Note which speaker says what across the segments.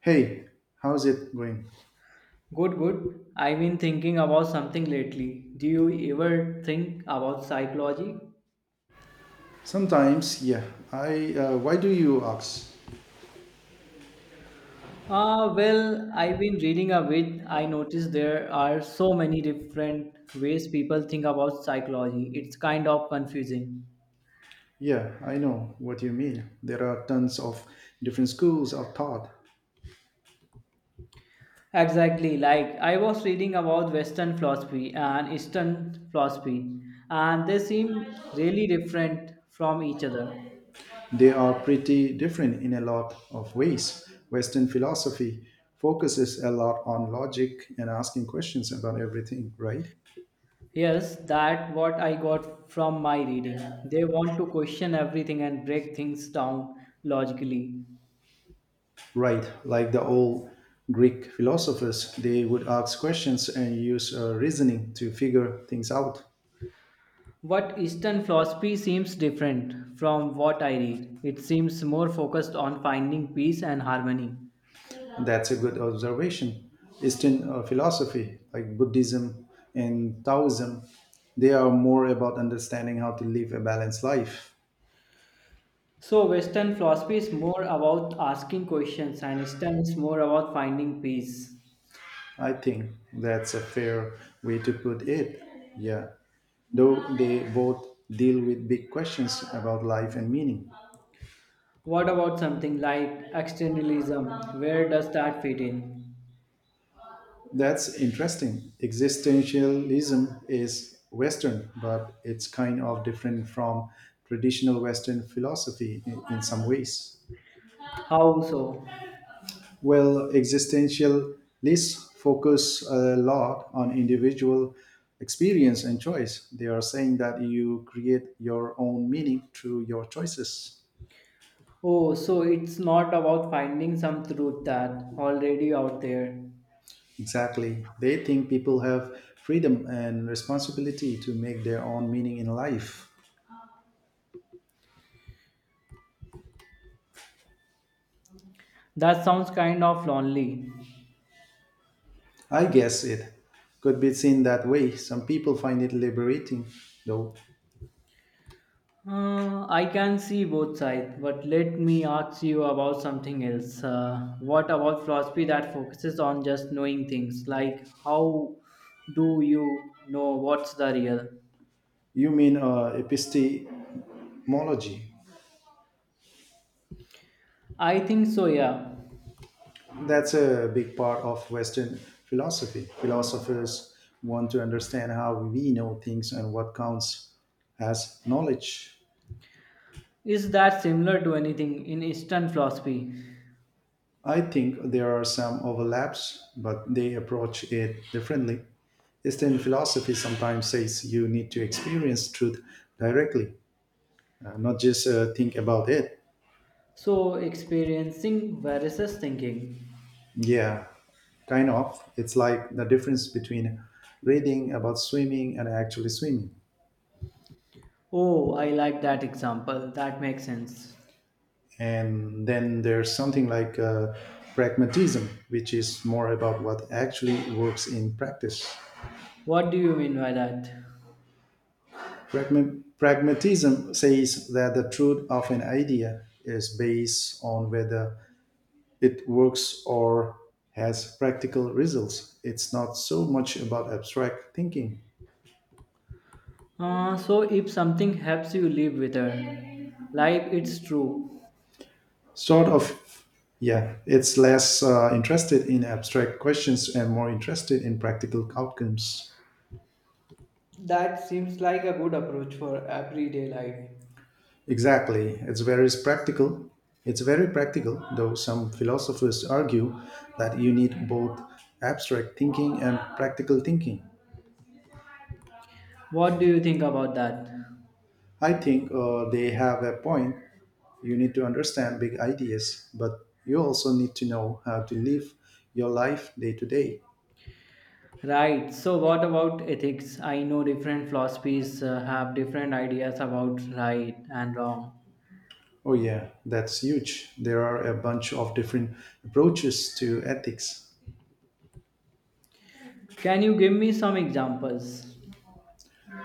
Speaker 1: Hey, how's it going?
Speaker 2: Good, good. I've been thinking about something lately. Do you ever think about psychology?
Speaker 1: Sometimes, yeah. I. Why do you ask?
Speaker 2: Ah, well, I've been reading a bit. I noticed there are so many different ways people think about psychology. It's kind of confusing.
Speaker 1: Yeah, I know what you mean. There are tons of different schools of thought.
Speaker 2: Exactly. Like I was reading about Western philosophy and Eastern philosophy, and they seem really different from each other.
Speaker 1: They are pretty different in a lot of ways. Western philosophy focuses a lot on logic and asking questions about everything, right?
Speaker 2: Yes, that what I got from my reading. They want to question everything and break things down logically.
Speaker 1: Right, like the old Greek philosophers, they would ask questions and use reasoning to figure things out.
Speaker 2: What Eastern philosophy seems different from what I read. It seems more focused on finding peace and harmony.
Speaker 1: That's a good observation. Eastern philosophy, like Buddhism and Taoism, they are more about understanding how to live a balanced life.
Speaker 2: So Western philosophy is more about asking questions and Eastern is more about finding peace.
Speaker 1: I think that's a fair way to put it. Yeah. Though they both deal with big questions about life and meaning.
Speaker 2: What about something like externalism? Where does that fit in?
Speaker 1: That's interesting. Existentialism is Western, but it's kind of different from traditional Western philosophy in some ways.
Speaker 2: How so?
Speaker 1: Well, existentialists focus a lot on individual experience and choice. They are saying that you create your own meaning through your choices.
Speaker 2: Oh, so it's not about finding some truth that already out there.
Speaker 1: Exactly. They think people have freedom and responsibility to make their own meaning in life.
Speaker 2: That sounds kind of lonely.
Speaker 1: I guess it could be seen that way. Some people find it liberating, though.
Speaker 2: I can see both sides, but let me ask you about something else. What about philosophy that focuses on just knowing things? Like, how do you know what's the real?
Speaker 1: You mean epistemology?
Speaker 2: I think so, yeah.
Speaker 1: That's a big part of Western philosophy. Philosophers want to understand how we know things and what counts as knowledge.
Speaker 2: Is that similar to anything in Eastern philosophy?
Speaker 1: I think there are some overlaps, but they approach it differently. Eastern philosophy sometimes says you need to experience truth directly, not just think about it.
Speaker 2: So, experiencing versus thinking.
Speaker 1: Yeah, kind of. It's like the difference between reading about swimming and actually swimming.
Speaker 2: Oh, I like that example. That makes sense.
Speaker 1: And then there's something like pragmatism, which is more about what actually works in practice.
Speaker 2: What do you mean by that?
Speaker 1: Pragmatism says that the truth of an idea is based on whether it works or has practical results. It's not so much about abstract thinking.
Speaker 2: So, if something helps you live with her, like it's true.
Speaker 1: Sort of, yeah. It's less interested in abstract questions and more interested in practical outcomes.
Speaker 2: That seems like a good approach for everyday life.
Speaker 1: Exactly. It's very practical. It's very practical, though some philosophers argue that you need both abstract thinking and practical thinking.
Speaker 2: What do you think about that?
Speaker 1: I think they have a point. You need to understand big ideas, but you also need to know how to live your life day to day.
Speaker 2: Right, so what about ethics? I know different philosophies have different ideas about right and wrong.
Speaker 1: Oh, yeah, that's huge. There are a bunch of different approaches to ethics.
Speaker 2: Can you give me some examples?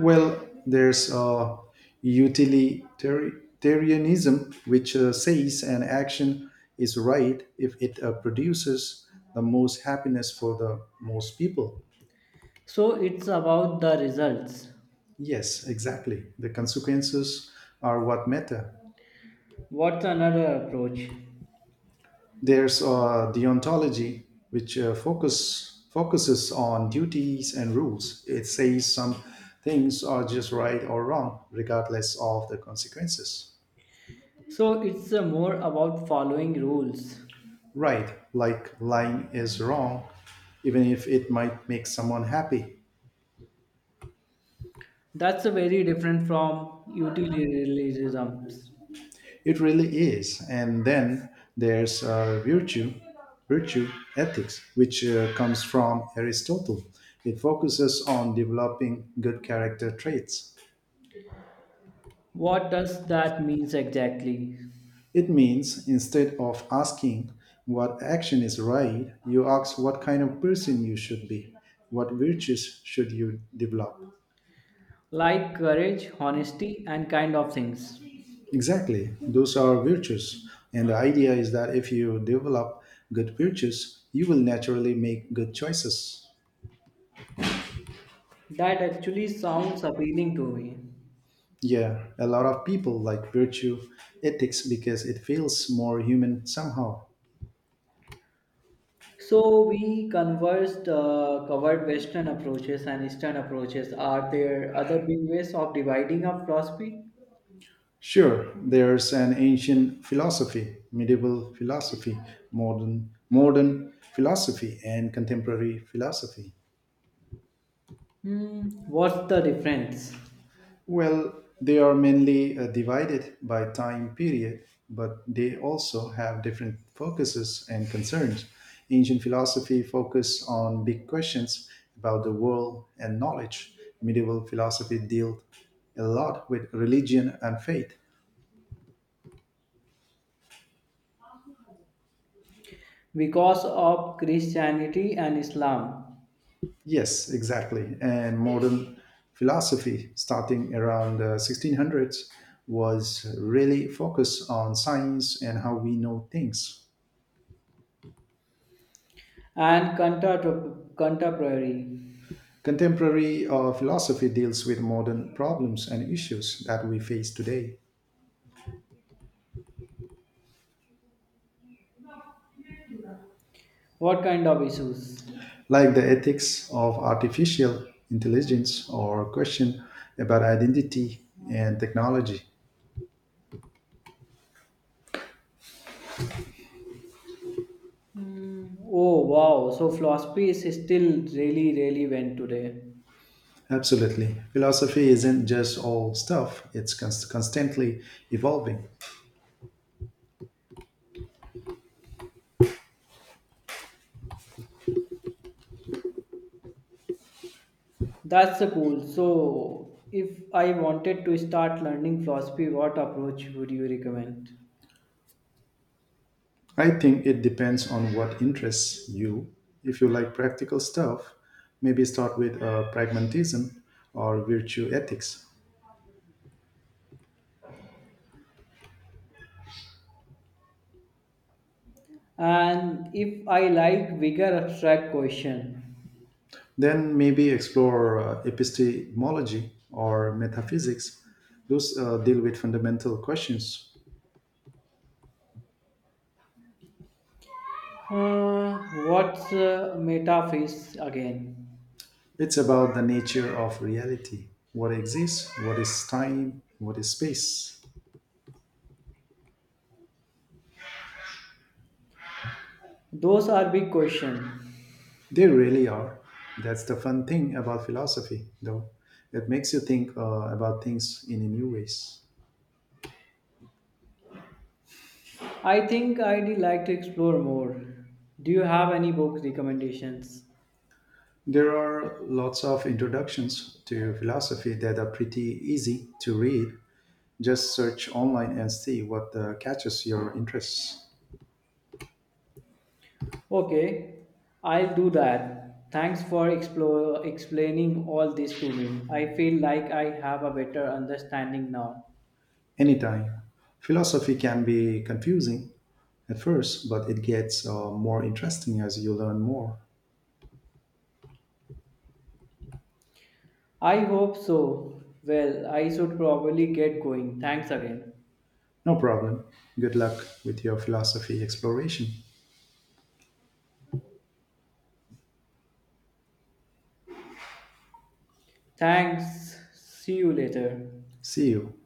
Speaker 1: Well, there's utilitarianism, which says an action is right if it produces the most happiness for the most people.
Speaker 2: So, it's about the results.
Speaker 1: Yes, exactly. The consequences are what matter.
Speaker 2: What's another approach?
Speaker 1: There's deontology, which focuses on duties and rules. It says some things are just right or wrong, regardless of the consequences.
Speaker 2: So it's more about following rules.
Speaker 1: Right, like lying is wrong, even if it might make someone happy.
Speaker 2: That's a very different from utilitarianism.
Speaker 1: It really is. And then there's virtue ethics, which comes from Aristotle. It focuses on developing good character traits.
Speaker 2: What does that means exactly?
Speaker 1: It means instead of asking what action is right, you ask what kind of person you should be, what virtues should you develop.
Speaker 2: Like courage, honesty, and kind of things.
Speaker 1: Exactly. Those are virtues. And the idea is that if you develop good virtues, you will naturally make good choices.
Speaker 2: That actually sounds appealing to me.
Speaker 1: Yeah, a lot of people like virtue ethics because it feels more human somehow.
Speaker 2: So we covered Western approaches and Eastern approaches. Are there other big ways of dividing up philosophy?
Speaker 1: Sure, there's an ancient philosophy, medieval philosophy, modern philosophy and contemporary philosophy.
Speaker 2: Hmm, what's the difference?
Speaker 1: Well, they are mainly divided by time period, but they also have different focuses and concerns. Ancient philosophy focused on big questions about the world and knowledge. Medieval philosophy dealt a lot with religion and faith.
Speaker 2: Because of Christianity and Islam.
Speaker 1: Yes, exactly. And modern philosophy, starting around the 1600s, was really focused on science and how we know things.
Speaker 2: And contemporary.
Speaker 1: Contemporary philosophy deals with modern problems and issues that we face today,
Speaker 2: What kind of issues?
Speaker 1: like the ethics of artificial intelligence or question about identity and technology.
Speaker 2: Oh wow, so philosophy is still really relevant today.
Speaker 1: Absolutely. Philosophy isn't just all stuff, it's constantly evolving.
Speaker 2: That's so cool. So, if I wanted to start learning philosophy, what approach would you recommend?
Speaker 1: I think it depends on what interests you. If you like practical stuff, maybe start with pragmatism or virtue ethics.
Speaker 2: And if I like bigger abstract question,
Speaker 1: Then maybe explore epistemology or metaphysics. Those deal with fundamental questions.
Speaker 2: what's metaphase again?
Speaker 1: It's about the nature of reality, what exists, what is time, what is space.
Speaker 2: Those are big questions.
Speaker 1: They really are. That's the fun thing about philosophy, though. It makes you think about things in new ways.
Speaker 2: I think I'd like to explore more. Do you have any book recommendations?
Speaker 1: There are lots of introductions to philosophy that are pretty easy to read. Just search online and see what catches your interest.
Speaker 2: Okay, I'll do that. Thanks for explaining all this to me. I feel like I have a better understanding now.
Speaker 1: Anytime. Philosophy can be confusing at first, but it gets more interesting as you learn more.
Speaker 2: I hope so. Well, I should probably get going. Thanks again.
Speaker 1: No problem. Good luck with your philosophy exploration.
Speaker 2: Thanks. See you later.
Speaker 1: See you.